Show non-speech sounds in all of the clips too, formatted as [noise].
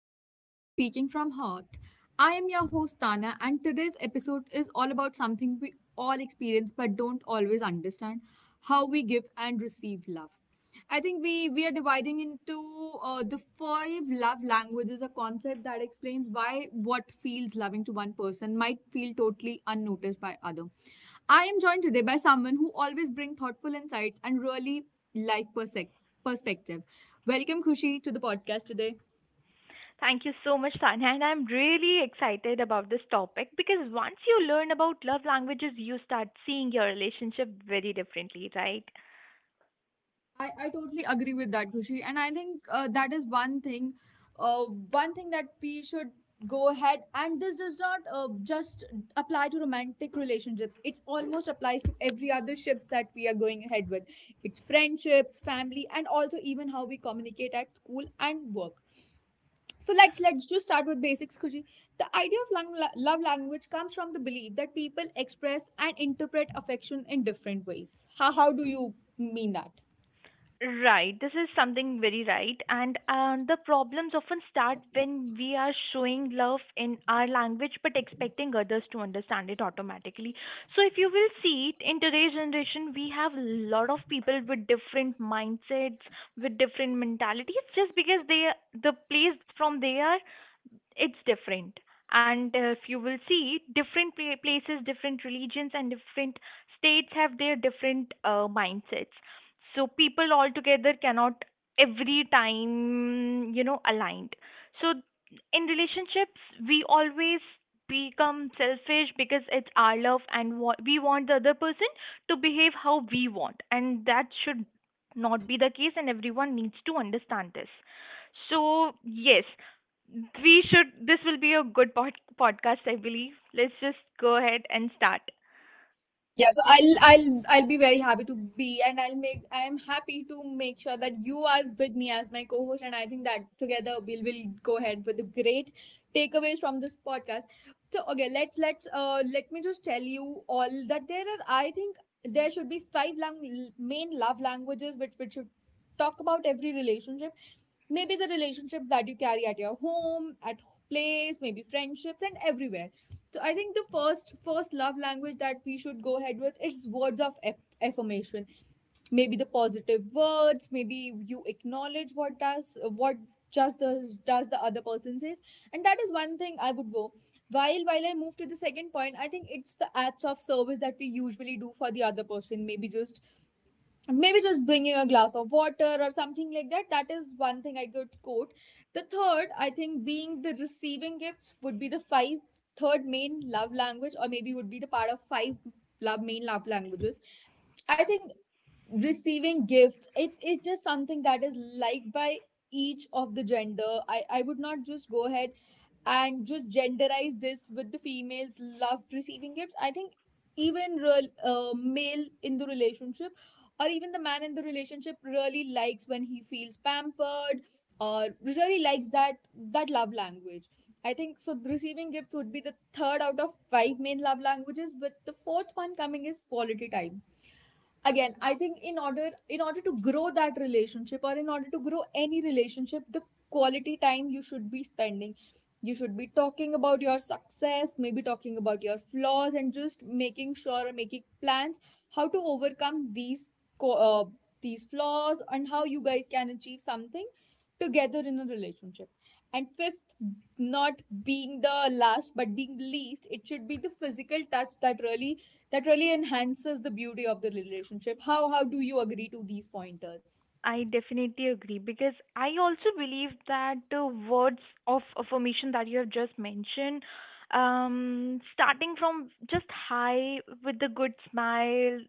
and welcome back to Speaking from Heart. I am your host, Tana, and today's episode is all about something we all experience but don't always understand how we give and receive love. I think we are dividing into the five love languages, a concept that explains why what feels loving to one person might feel totally unnoticed by other. I am joined today by someone who always brings thoughtful insights and really life perspective. Welcome, Khushi, to the podcast today. Thank you so much, Tanya. And I'm really excited about this topic because once you learn about love languages, you start seeing your relationship very differently, right? I totally agree with that, Khushi. And I think that is uh, one thing that we should go ahead. And this does not just apply to romantic relationships. It almost applies to every other ships that we are going ahead with. It's friendships, family, and also even how we communicate at school and work. So let's just start with basics, Kuji. The idea of love language comes from the belief that people express and interpret affection in different ways. How do you mean that? Right, this is something very right. And the problems often start when we are showing love in our language but expecting others to understand it automatically. So, if you will see it in today's generation, we have a lot of people with different mindsets, with different mentalities, just because they the place from they are it's different. And if you will see different places, different religions and different states have their different mindsets, so people altogether cannot every time aligned. So in relationships we always become selfish because it's our love and we want the other person to behave how we want, and that should not be the case and everyone needs to understand this. So yes, we should, this will be a good podcast, I believe. Let's just go ahead and start. Yeah, so I'll be very happy to be and I am happy to make sure that you are with me as my co-host, and I think that together we'll will go ahead with the great takeaways from this podcast. So okay, let me just tell you all that there are, I think, there should be five main love languages which should talk about every relationship, maybe the relationships that you carry at your home, at place, maybe friendships and everywhere. So I think the first love language that we should go ahead with is words of affirmation, maybe the positive words, maybe you acknowledge what does what just the does the other person says. And that is one thing I would go. While I move to the second point, I think it's the acts of service that we usually do for the other person, maybe just bringing a glass of water or something like that. That is one thing I could quote. The third, I think, being the receiving gifts would be the five third main love language, or maybe would be the part of five love main love languages. I think receiving gifts, it is something that is liked by each of the gender. I would not just go ahead and just genderize this with the females love receiving gifts. I think even real male in the relationship, or even the man in the relationship, really likes when he feels pampered, or really likes that that love language. I think so receiving gifts would be the third out of five main love languages, but the fourth one coming is quality time. Again, I think in order to grow that relationship, or in order to grow any relationship, the quality time you should be spending. You should be talking about your success, maybe talking about your flaws, and just making sure or making plans how to overcome these co- uh, these flaws, and how you guys can achieve something together in a relationship. And fifth, not being the last but being the least, it should be the physical touch that really enhances the beauty of the relationship. How do you agree to these pointers? I definitely agree because I also believe that the words of affirmation that you have just mentioned, starting from just hi with the good smile,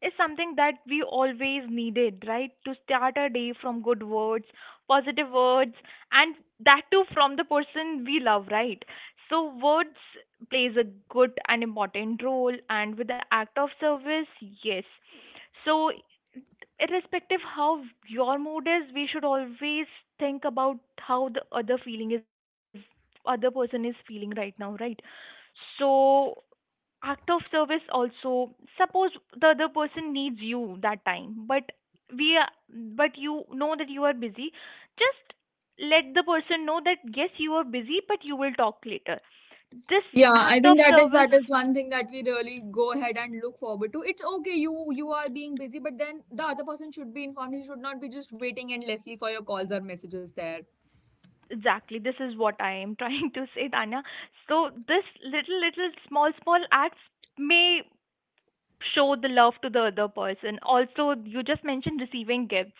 is something that we always needed, right? To start our day from good words, positive words, and that too from the person we love, right? So words plays a good and important role, and with the act of service, yes. So irrespective how your mood is, we should always think about how the other feeling is, other person is feeling right now, right? So act of service also, suppose the other person needs you that time but we are, but you know that you are busy, just let the person know that yes you are busy but you will talk later. This Yeah, I act of think that service. is one thing that we really go ahead and look forward to. It's okay, you are being busy, but then the other person should be informed. He should not be just waiting endlessly for your calls or messages there. Exactly. This is what I am [laughs] trying to say, Tanya. So this little, little, small, small acts may show the love to the other person. Also, you just mentioned receiving gifts.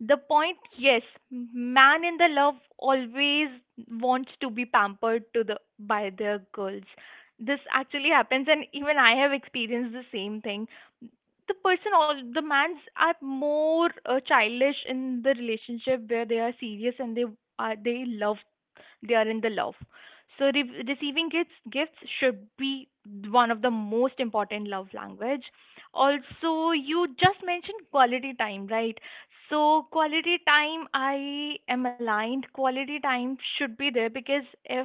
The point, yes, man in the love always wants to be pampered to the by their girls. This actually happens, and even I have experienced the same thing. The person, all the mans are more childish in the relationship where they are serious and they love, they are in the love. So receiving gifts should be one of the most important love language. Also, you just mentioned quality time, right? So quality time, I am aligned, quality time should be there. Because if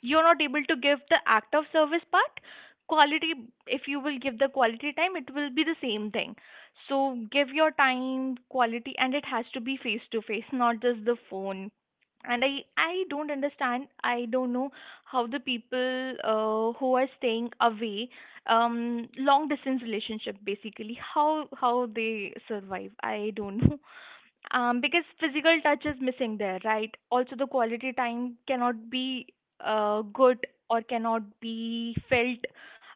you're not able to give the act of service part, quality, if you will give the quality time, it will be the same thing. So give your time quality, and it has to be face to face, not just the phone. And I don't understand, I don't know how the people who are staying away, um, long distance relationship basically, how they survive, I don't [laughs] know. Because physical touch is missing there, right? Also, the quality time cannot be good or cannot be felt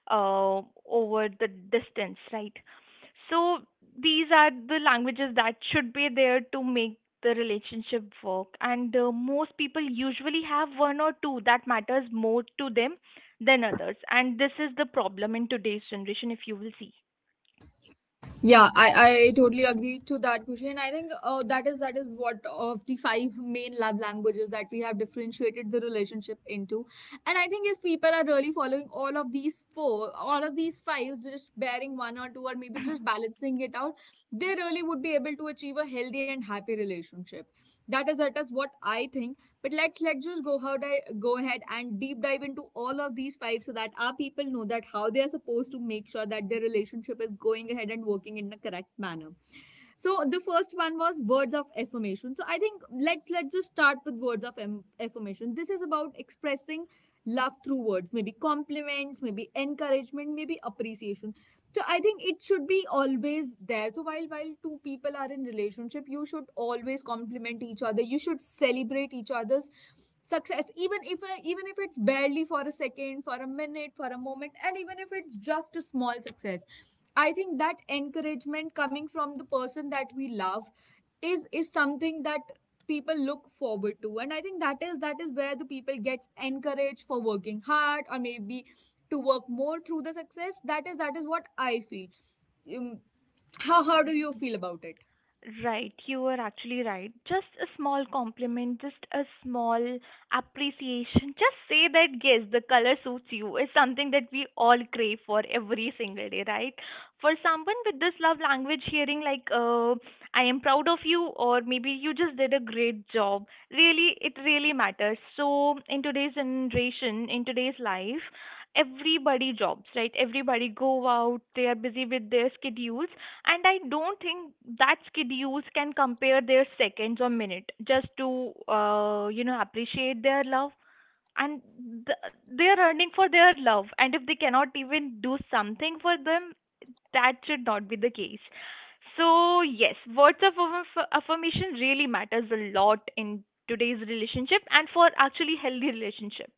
uh, over the distance, right? So, these are the languages that should be there to make the relationship work. And most people usually have one or two that matters more to them than others. And this is the problem in today's generation, if you will see. Yeah, I totally agree to that, Kushi. I think that is what of the five main love languages that we have differentiated the relationship into. And I think if people are really following all of these four, all of these fives, just bearing one or two, or maybe just balancing it out, they really would be able to achieve a healthy and happy relationship. That is what I think. But let's just go go ahead and deep dive into all of these five so that our people know that how they are supposed to make sure that their relationship is going ahead and working in a correct manner. So the first one was words of affirmation. So I think let's just start with words of affirmation. This is about expressing love through words, maybe compliments, maybe encouragement, maybe appreciation. So I think it should be always there. So while two people are in relationship, you should always compliment each other. You should celebrate each other's success, even if it's barely for a second, for a minute, for a moment, and even if it's just a small success. I think that encouragement coming from the person that we love is something that people look forward to, and I think that is where the people gets encouraged for working hard, or maybe to work more through the success. That is that is what I feel. um, how do you feel about it? Right, you were actually right. Just a small compliment, just a small appreciation. Just say that, yes, the color suits you is something that we all crave for every single day, right? For someone with this love language, hearing like, I am proud of you, or maybe you just did a great job, really, it really matters. So, in today's generation, in today's life, everybody jobs, right? Everybody go out, they are busy with their schedules, and I don't think that skid use can compare their seconds or minute just to you know appreciate their love. And th-, they're earning for their love, and if they cannot even do something for them, that should not be the case. So yes, words of affirmation really matters a lot in today's relationship and for actually healthy relationship.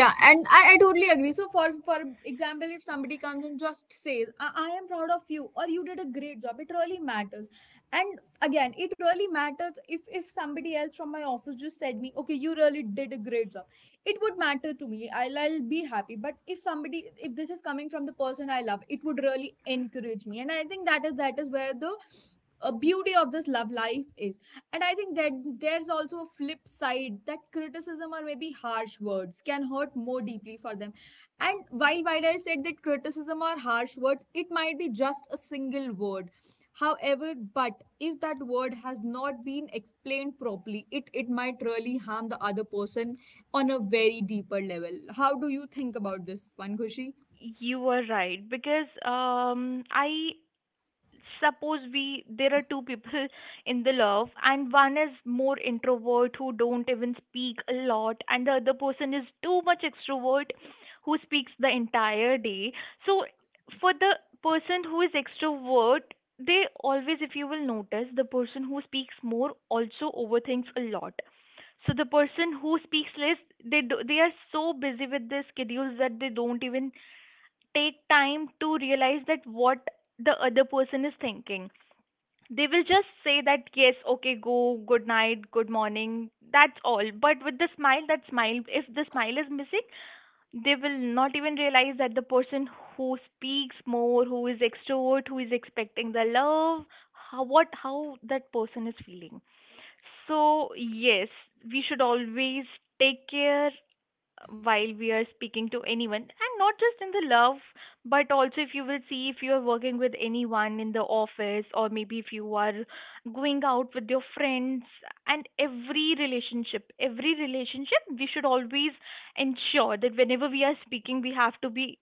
Yeah, and I totally agree. So for example, if somebody comes and just says I am proud of you, or you did a great job, it really matters. And again, it really matters if somebody else from my office just said me, okay, you really did a great job, it would matter to me. I'll be happy. But if somebody, if this is coming from the person I love, it would really encourage me, and I think that is where the beauty of this love life is. And I think that there's also a flip side that criticism or maybe harsh words can hurt more deeply for them. And while I said that criticism or harsh words, it might be just a single word, however, but if that word has not been explained properly, it might really harm the other person on a very deeper level. How do you think about this one, Khushi? You are right because, um, I suppose we, there are two people [laughs] in the love and one is more introvert who don't even speak a lot and the other person is too much extrovert who speaks the entire day. So for the person who is extrovert, they always, if you will notice, the person who speaks more also overthinks a lot. So the person who speaks less, they are so busy with their schedules that they don't even take time to realize that what the other person is thinking. They will just say that, yes, okay, go, good night, good morning, that's all. But with the smile, that smile, if the smile is missing, they will not even realize that the person who speaks more, who is extrovert, who is expecting the love, how, what, how that person is feeling. So, yes, we should always take care while we are speaking to anyone, and not just in the love but also if you will see if you are working with anyone in the office or maybe if you are going out with your friends. And every relationship we should always ensure that whenever we are speaking we have to be,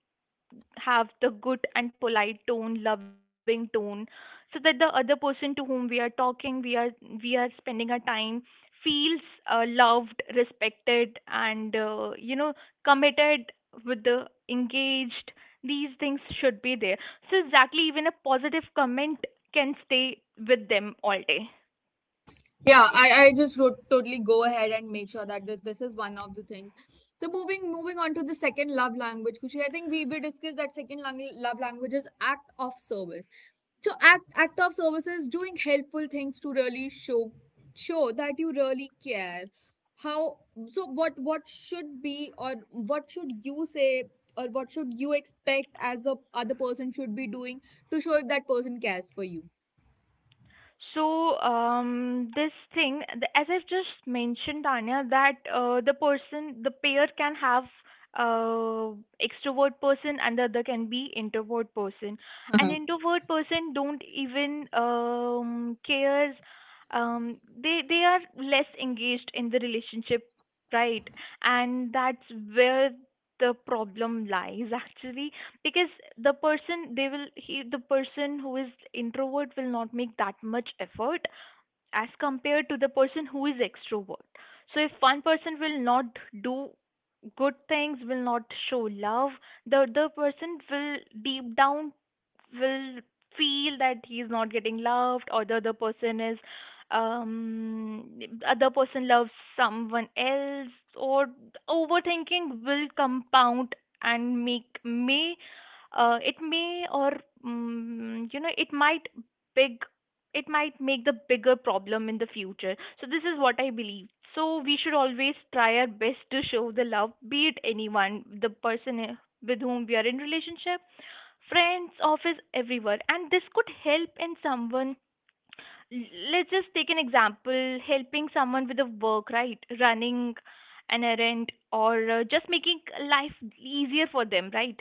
have the good and polite tone, loving tone, so that the other person to whom we are talking, we are, we are spending our time, feels loved, respected, and you know committed with the engaged. These things should be there. So exactly, even a positive comment can stay with them all day. Yeah, I just wrote totally go ahead and make sure that this is one of the things. So moving on to the second love language, Kushi, I think we discussed that second love language is act of service. So act of service is doing helpful things to really show that you really care. How, so what should be, or what should you say, or what should you expect as a other person should be doing to show if that person cares for you? So this thing, as I've just mentioned, Tanya, that the person, the pair can have uh, extrovert person and the other can be introvert person. An [laughs] introvert person don't even cares. They are less engaged in the relationship, right? And that's where the problem lies [laughs] actually, because the person, they will he the person who is introvert will not make that much effort as compared to the person who is extrovert. So if one person will not do good things, will not show love, the other person will deep down will feel that he is not getting loved, or the other person is, um other person loves someone else, or overthinking will compound and make, may it may, or you know it might, big it might make the bigger problem in the future. So this is what I believe. So we should always try our best to show the love, be it anyone, the person, with whom we are in relationship, friends, office, everywhere. And this could help in someone. Let's just take an example: helping someone with a work, right? Running an errand, or just making life easier for them, right?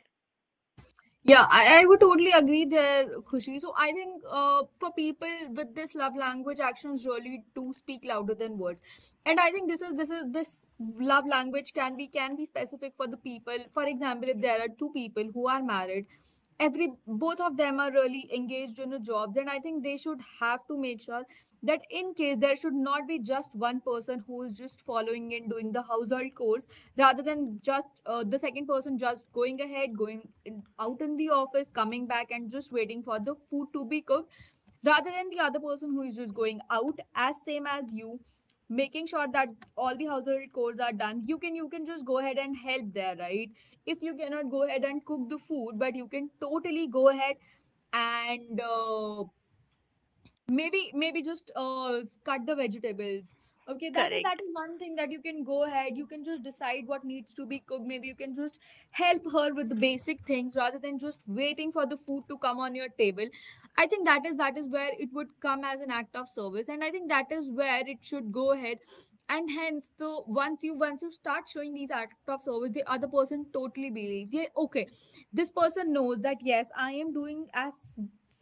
Yeah, I would totally agree there, Khushi. So I think for people with this love language, actions really do speak louder than words. And I think this love language can be specific for the people. For example, if there are two people who are married, every both of them are really engaged in a jobs, and I think they should have to make sure that in case there should not be just one person who is just following and doing the household chores, rather than just the second person just going ahead, going in, out in the office, coming back and just waiting for the food to be cooked, rather than the other person who is just going out as same as you, making sure that all the household chores are done. You can you can just go ahead and help there, right? If you cannot go ahead and cook the food, but you can totally go ahead and maybe maybe just cut the vegetables. Okay, that Correct. is one thing that you can go ahead. You can just decide what needs to be cooked. Maybe you can just help her with the basic things, rather than just waiting for the food to come on your table. I think that is where it would come as an act of service, and I think that is where it should go ahead. And hence, so once you start showing these act of service, the other person totally believes, yeah, okay, this person knows that yes, I am doing as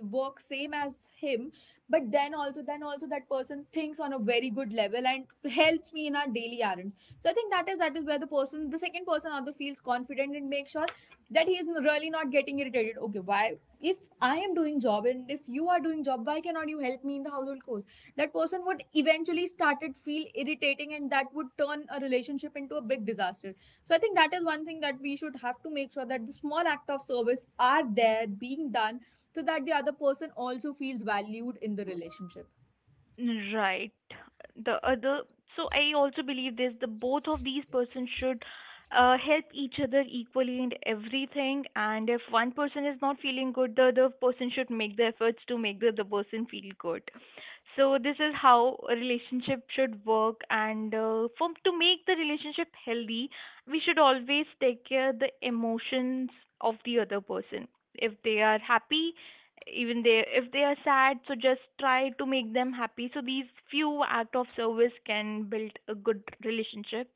work same as him, but then also that person thinks on a very good level and helps me in our daily errands. So I think that is where the person, the second person, also feels confident and makes sure that he is really not getting irritated. Okay, why, if I am doing job and if you are doing job, why cannot you help me in the household chores? That person would eventually started feel irritating, and that would turn a relationship into a big disaster. So I think that is one thing that we should have to make Sure that the small act of service are there being done, so that the other person also feels valued in the relationship. Right. The other, so I also believe this, the both of these persons should help each other equally in everything. And if one person is not feeling good, the other person should make the efforts to make the other person feel good. So this is how a relationship should work. And for to make the relationship healthy, we should always take care the emotions of the other person. If they are happy, even they, if they are sad, so just try to make them happy. So these few act of service can build a good relationship.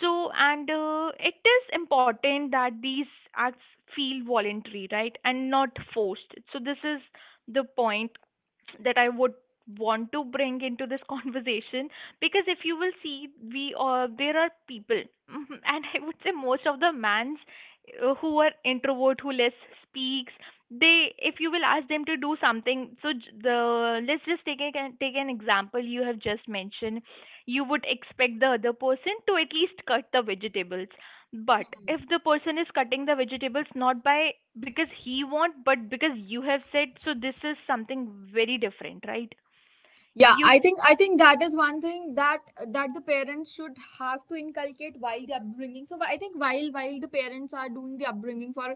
So, and it is important that these acts feel voluntary, right, and not forced. So this is the point that I would want to bring into this [laughs] conversation, because if you will see we, there are people [laughs] and I would say most of the mans, who are introvert who less speaks, they, if you will ask them to do something, so j- the let's just take an example you have just mentioned, you would expect the other person to at least cut the vegetables, but if the person is cutting the vegetables not by because he want, but because you have said, so this is something very different, right? Yeah, You. I think that is one thing that that the parents should have to inculcate while the upbringing. So I think while the parents are doing the upbringing for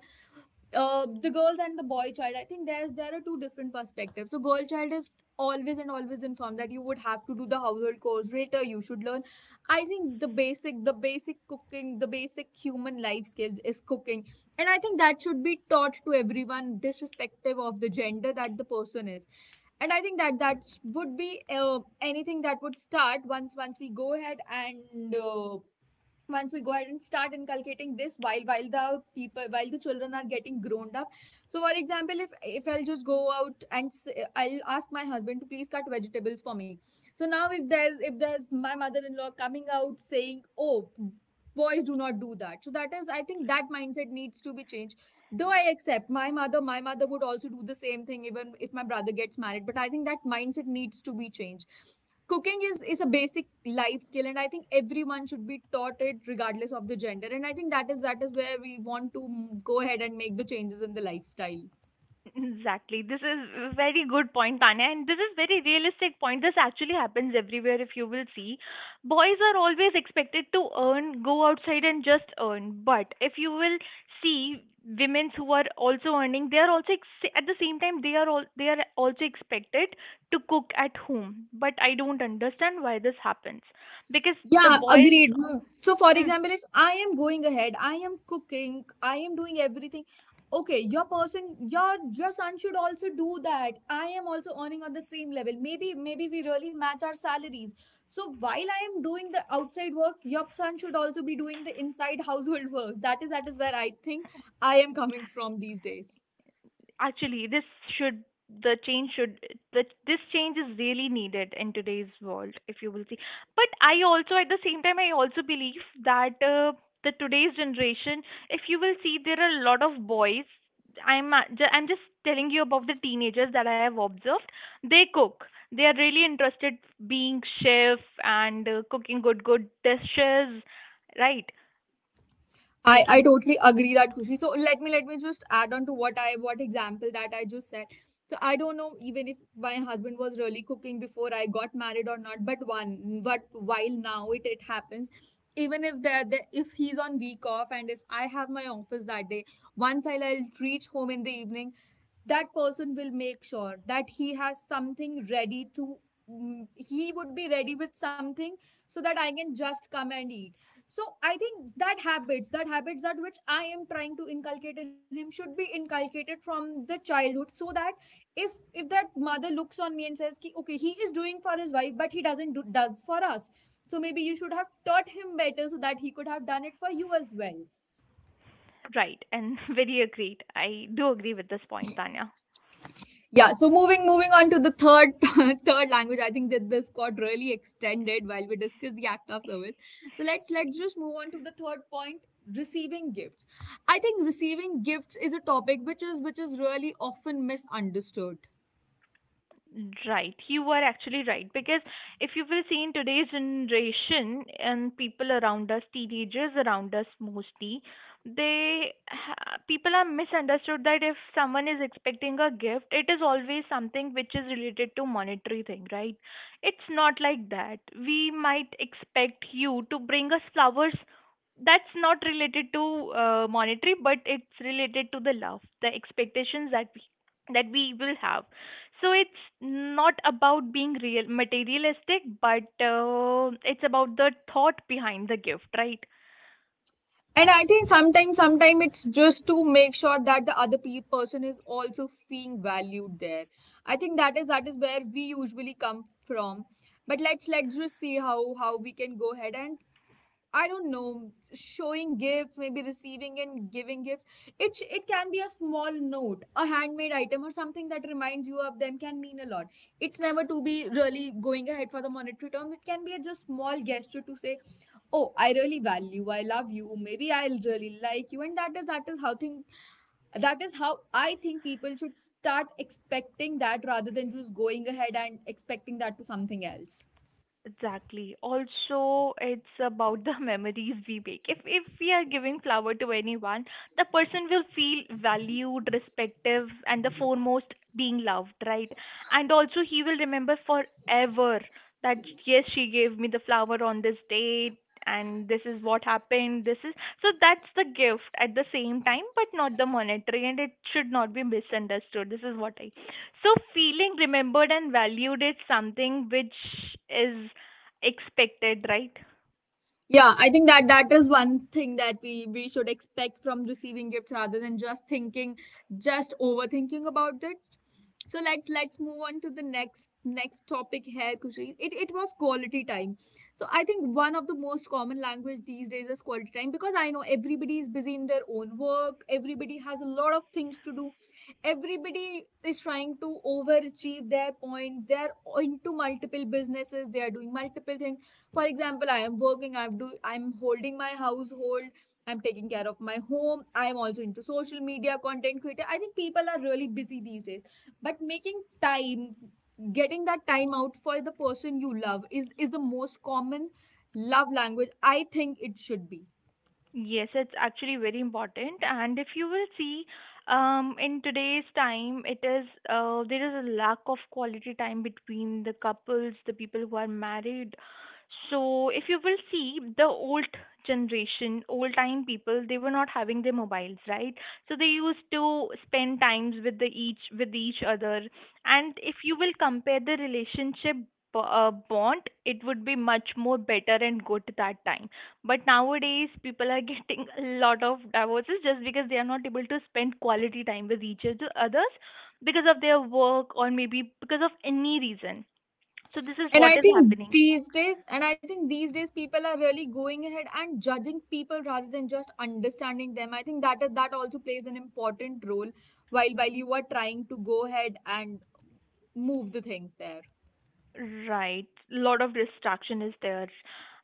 the girls and the boy child, I think there are two different perspectives. So girl child is always and always informed that you would have to do the household chores later, you should learn. I think the basic cooking, the basic human life skills is cooking, and I think that should be taught to everyone disrespective of the gender that the person is. And I think that would be anything that would start once we go ahead and once we go ahead and start inculcating this while the people while the children are getting grown up. So for example, if I'll just go out and I'll ask my husband to please cut vegetables for me. So now if there's my mother-in-law coming out saying, "Oh, boys do not do that," so that is, I think, that mindset needs to be changed. Though I accept, my mother would also do the same thing even if my brother gets married, but I think that mindset needs to be changed. Cooking is a basic life skill, and I think everyone should be taught it regardless of the gender. And I think that is, that is where we want to go ahead and make the changes in the lifestyle. Exactly. This is a very good point, Tanya, and this is very realistic point. This actually happens everywhere if you will see. Boys are always expected to earn, go outside and just earn. But if you will see women who are also earning, they are also at the same time they are also expected to cook at home. But I don't understand why this happens, because the Yeah, boys. agreed. Mm. So, for hmm, example, if I am going ahead, I am cooking, I am doing everything. Okay, your person, your son should also do that. I am also earning on the same level. Maybe we really match our salaries. So while I am doing the outside work, your son should also be doing the inside household [laughs] works. That is, that is where I think I am coming from these days. Actually, this should the change should the, this change is really needed in today's world if you will see, but I also at the same time I also believe that the today's generation, if you will see, there are a lot of boys. I'm just telling you about the teenagers that I have observed. They cook, they are really interested being chef and cooking good dishes, right? I Making totally agree that, Kushi. So let me just add on to what example that I just said. So I don't know even if my husband was really cooking before I got married or not, but one, but while now it happens. Even if if he's on week off and if I have my office that day, once I'll reach home in the evening, that person will make sure that he has something ready to he would be ready with something, so that I can just come and eat. So I think that habits that habits that which I am trying to inculcate in him should be inculcated from the childhood, so that if that mother looks on me and says ki, "Okay, he is doing for his wife but he doesn't do does for us, so maybe you should have taught him better so that he could have done it for you as well." right. And [laughs] very agreed, I do agree with this point, Tanya. Yeah, so moving on to the third, [laughs] third language. I think that this got really extended while we discuss the act of service. So let's just move on to the third point: receiving gifts. I think receiving gifts is a topic which is, which is really often misunderstood. Right, you are actually right, because if you will see in today's generation and people around us, teenagers around us mostly, people are misunderstood that if someone is expecting a gift, it is always something which is related to monetary thing, right? It's not like that. We might expect you to bring us flowers. That's not related to monetary, but it's related to the love, the expectations that we will have. So it's not about being real materialistic, but it's about the thought behind the gift, right? And I think sometimes it's just to make sure that the other person is also feeling valued there. I think that is, that is where we usually come from. But let's just see how we can go ahead and, I don't know, showing gifts, maybe receiving and giving gifts. It can be a small note, a handmade item, or something that reminds you of them can mean a lot. It's never to be really going ahead for the monetary term. It can be a just small gesture to say, "Oh, I really value, you. I love you. Maybe I really like you." And that is, that is how thing, that is how I think people should start expecting that rather than just going ahead and expecting that to something else. Exactly. Also, it's about the [laughs] memories we make. If we are giving flower to anyone, the person will feel valued, respective, and the foremost being loved, right? And also he will remember forever that yes, she gave me the flower on this date and this is what happened. This is so that's the gift at the same time, but not the monetary and it should not be misunderstood. This is what I. So feeling remembered and valued is something which is expected, right? Yeah, I think that, that is one thing that we should expect from receiving gifts rather than just thinking, just overthinking about it. So let's move on to the next topic here, Kushi. It was quality time. So I think one of the most common language these days is quality time, because I know everybody is busy in their own work. Everybody has a lot of things to do, everybody is trying to overachieve their points. They're into multiple businesses, they are doing multiple things. For example, I am working, I'm holding my household, I'm taking care of my home, I'm also into social media content creator. I think people are really busy these days. But making time, getting that time out for the person you love is the most common love language, I think it should be. Yes, it's actually very important. And if you will see, in today's time it is there is a lack of quality time between the couples, the people who are married. So if you will see, the old generation, old time people, they were not having their mobiles, right? So they used to spend times with the each with each other. And if you will compare the relationship, bond, it would be much more better and good that time. But nowadays, people are [laughs] getting a lot of divorces just because they are not able to spend quality time with each other, others, because of their work or maybe because of any reason. So this is And what I is think happening. these days, people are really going ahead and judging people rather than just understanding them. I think that is- that also plays an important role while you are trying to go ahead and move the things there. Right. Lot of distraction is there.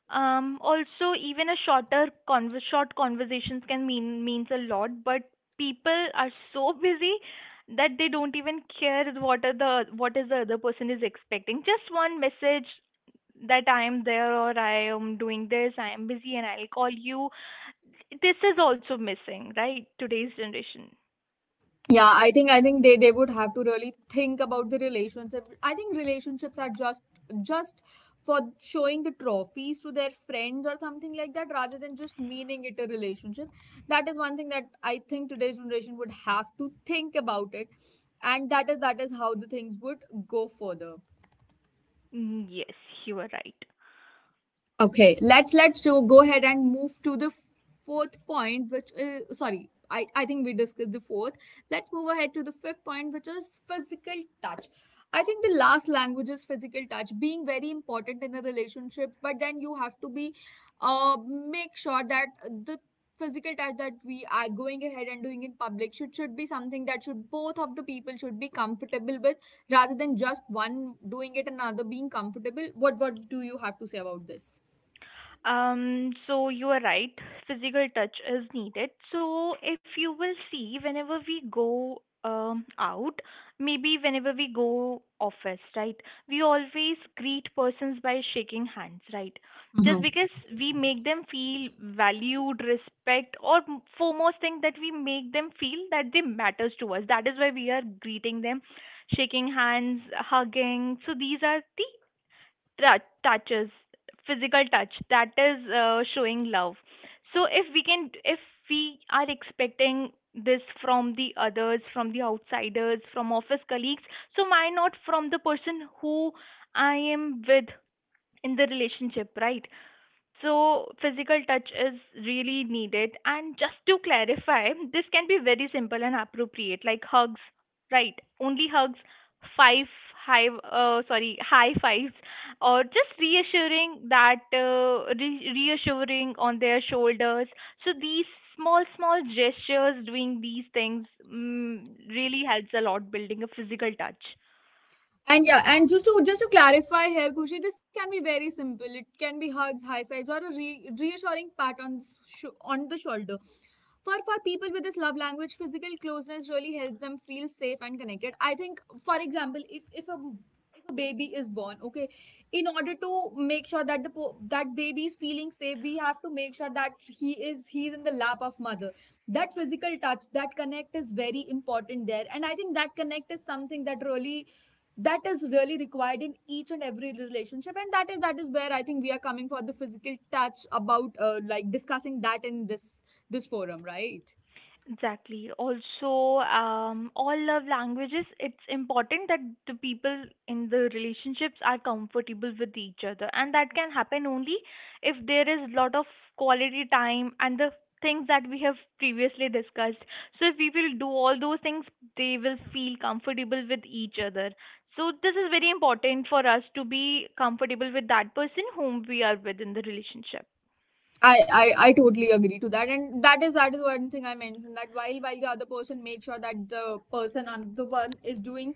Also, even a short conversations can means a lot, but people are so [laughs] busy that they don't even care what are the what is the other person is expecting. Just one message that I am there or I am doing this, I am busy and I'll call you. This is also missing, right? Today's generation. Yeah, I think they would have to really think about the relationship. I think relationships are just for showing the trophies to their friends or something like that, rather than just meaning it a relationship. That is one thing that I think today's generation would have to think about it. And that is, that is how the things would go further. Mm, yes, you are right. Okay, let's so go ahead and move to the fourth point, which is, sorry, I think we discussed the fourth. Let's move ahead to the fifth point, which is physical touch. I think the last language is physical touch, being very important in a relationship, but then you have to be, uh, make sure that the physical touch that we are going ahead and doing in public should be something that should both of the people should be comfortable with, rather than just one doing it and another being comfortable. What do you have to say about this? So you are right, physical touch is needed. So if you will see, whenever we go out, maybe whenever we go office, right, we always greet persons by shaking hands, right? Just because we make them feel valued, respect, or foremost thing that we make them feel that they matters to us. That is why we are greeting them, shaking hands, hugging. So these are the touches, physical touch that is showing love. So if we can if we are expecting this from the others, from the outsiders, from office colleagues, so why not from the person who I am with in the relationship, right? So, physical touch is really needed. And just to clarify, this can be very simple and appropriate, like hugs, right? Only hugs, five high, sorry, high fives, or just reassuring that reassuring on their shoulders. So these small, small gestures, doing these things, mm, really helps a lot building a physical touch. And yeah, and just to clarify here, Kushi, this can be very simple. It can be hugs, high fives, or a reassuring pat on the, on the shoulder. For people with this love language, physical closeness really helps them feel safe and connected. I think, for example, if a baby is born, okay, in order to make sure that the that baby is feeling safe, we have to make sure that he's in the lap of mother. That physical touch, that connect is very important there, and I think that connect is something that really, that is really required in each and every relationship. And that is, that is where I think we are coming for the physical touch about, like discussing that in this, this forum, right? Exactly. Also, all love languages, it's important that the people in the relationships are comfortable with each other. And that can happen only if there is lot of quality time and the things that we have previously discussed. So if we will do all those things, they will feel comfortable with each other. So this is very important for us to be comfortable with that person whom we are with in the relationship. I totally agree to that, and that is, that is one thing I mentioned, that while the other person makes sure that the person on the one is doing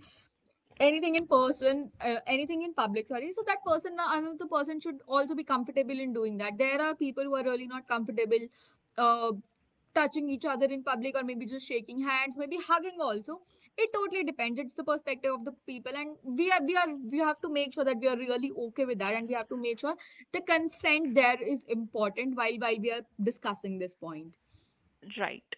anything in person, anything in public, sorry, so that person, another person should also be comfortable in doing that. There are people who are really not comfortable, uh, touching each other in public, or maybe just shaking hands, maybe hugging also. It totally depends. It's the perspective of the people, and we have to make sure that we are really okay with that. And we have to make sure the consent there is important while we are discussing this point. Right.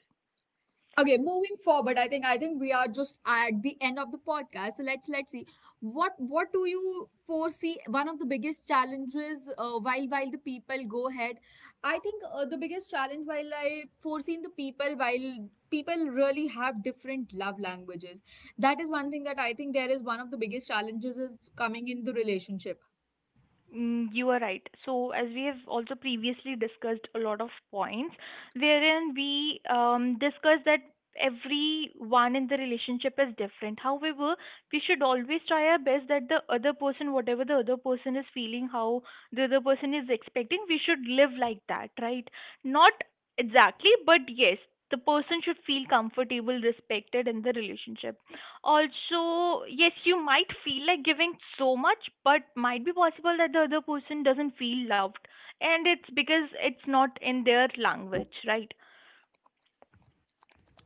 Okay, moving forward, I think we are just at the end of the podcast. So let's see what do you foresee one of the biggest challenges while the people go ahead. I think the biggest challenge while I foresee in the people while people really have different love languages. That is one thing that I think there is one of the biggest challenges is coming in the relationship. Mm, you are right. So, as we have also previously discussed a lot of points, wherein we discussed that everyone in the relationship is different. However, we should always try our best that the other person, whatever the other person is feeling, how the other person is expecting, we should live like that, right? Not exactly, but yes, the person should feel comfortable, respected in the relationship. Also, yes, you might feel like giving so much, but might be possible that the other person doesn't feel loved. And it's because it's not in their language, right?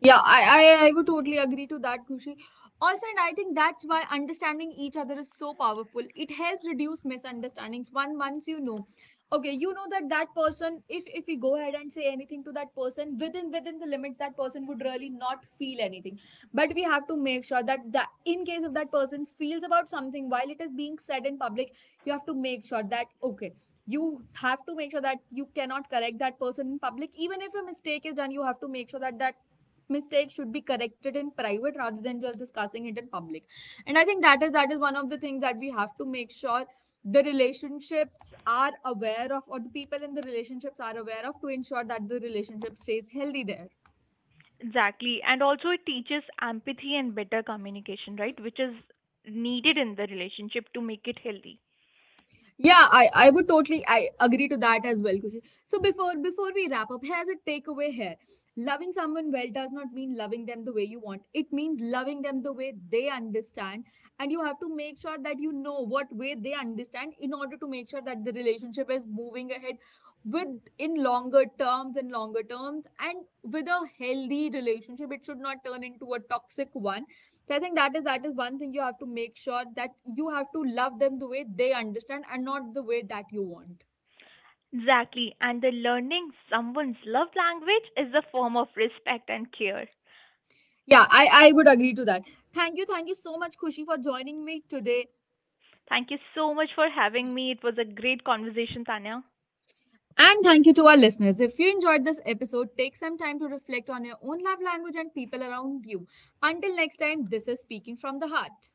Yeah, I would totally agree to that, Kushi. Also, and I think that's why understanding each other is so powerful. It helps reduce misunderstandings. One Once you know, okay, you know that that person, if we go ahead and say anything to that person within the limits, that person would really not feel anything. But we have to make sure that that in case if that person feels about something while it is being said in public, you have to make sure that okay, you have to make sure that you cannot correct that person in public. Even if a mistake is done, you have to make sure that that mistake should be corrected in private rather than just discussing it in public. And I think that is, that is one of the things that we have to make sure the relationships are aware of, or the people in the relationships are aware of, to ensure that the relationship stays healthy there. Exactly. And also, it teaches empathy and better communication, right? Which is needed in the relationship to make it healthy. Yeah, I would totally, I agree to that as well, Kushi. So before we wrap up, here's a takeaway here. Loving someone well does not mean loving them the way you want. It means loving them the way they understand. And you have to make sure that you know what way they understand, in order to make sure that the relationship is moving ahead with, in longer terms and with a healthy relationship. It should not turn into a toxic one. So I think that is, that is one thing you have to make sure, that you have to love them the way they understand and not the way that you want. Exactly. And the learning someone's love language is a form of respect and care. Yeah, I would agree to that. Thank you so much, Khushi, for joining me today. Thank you so much for having me. It was a great conversation, Tanya. And thank you to our listeners. If you enjoyed this episode, take some time to reflect on your own love language and people around you. Until next time, this is Speaking from the Heart.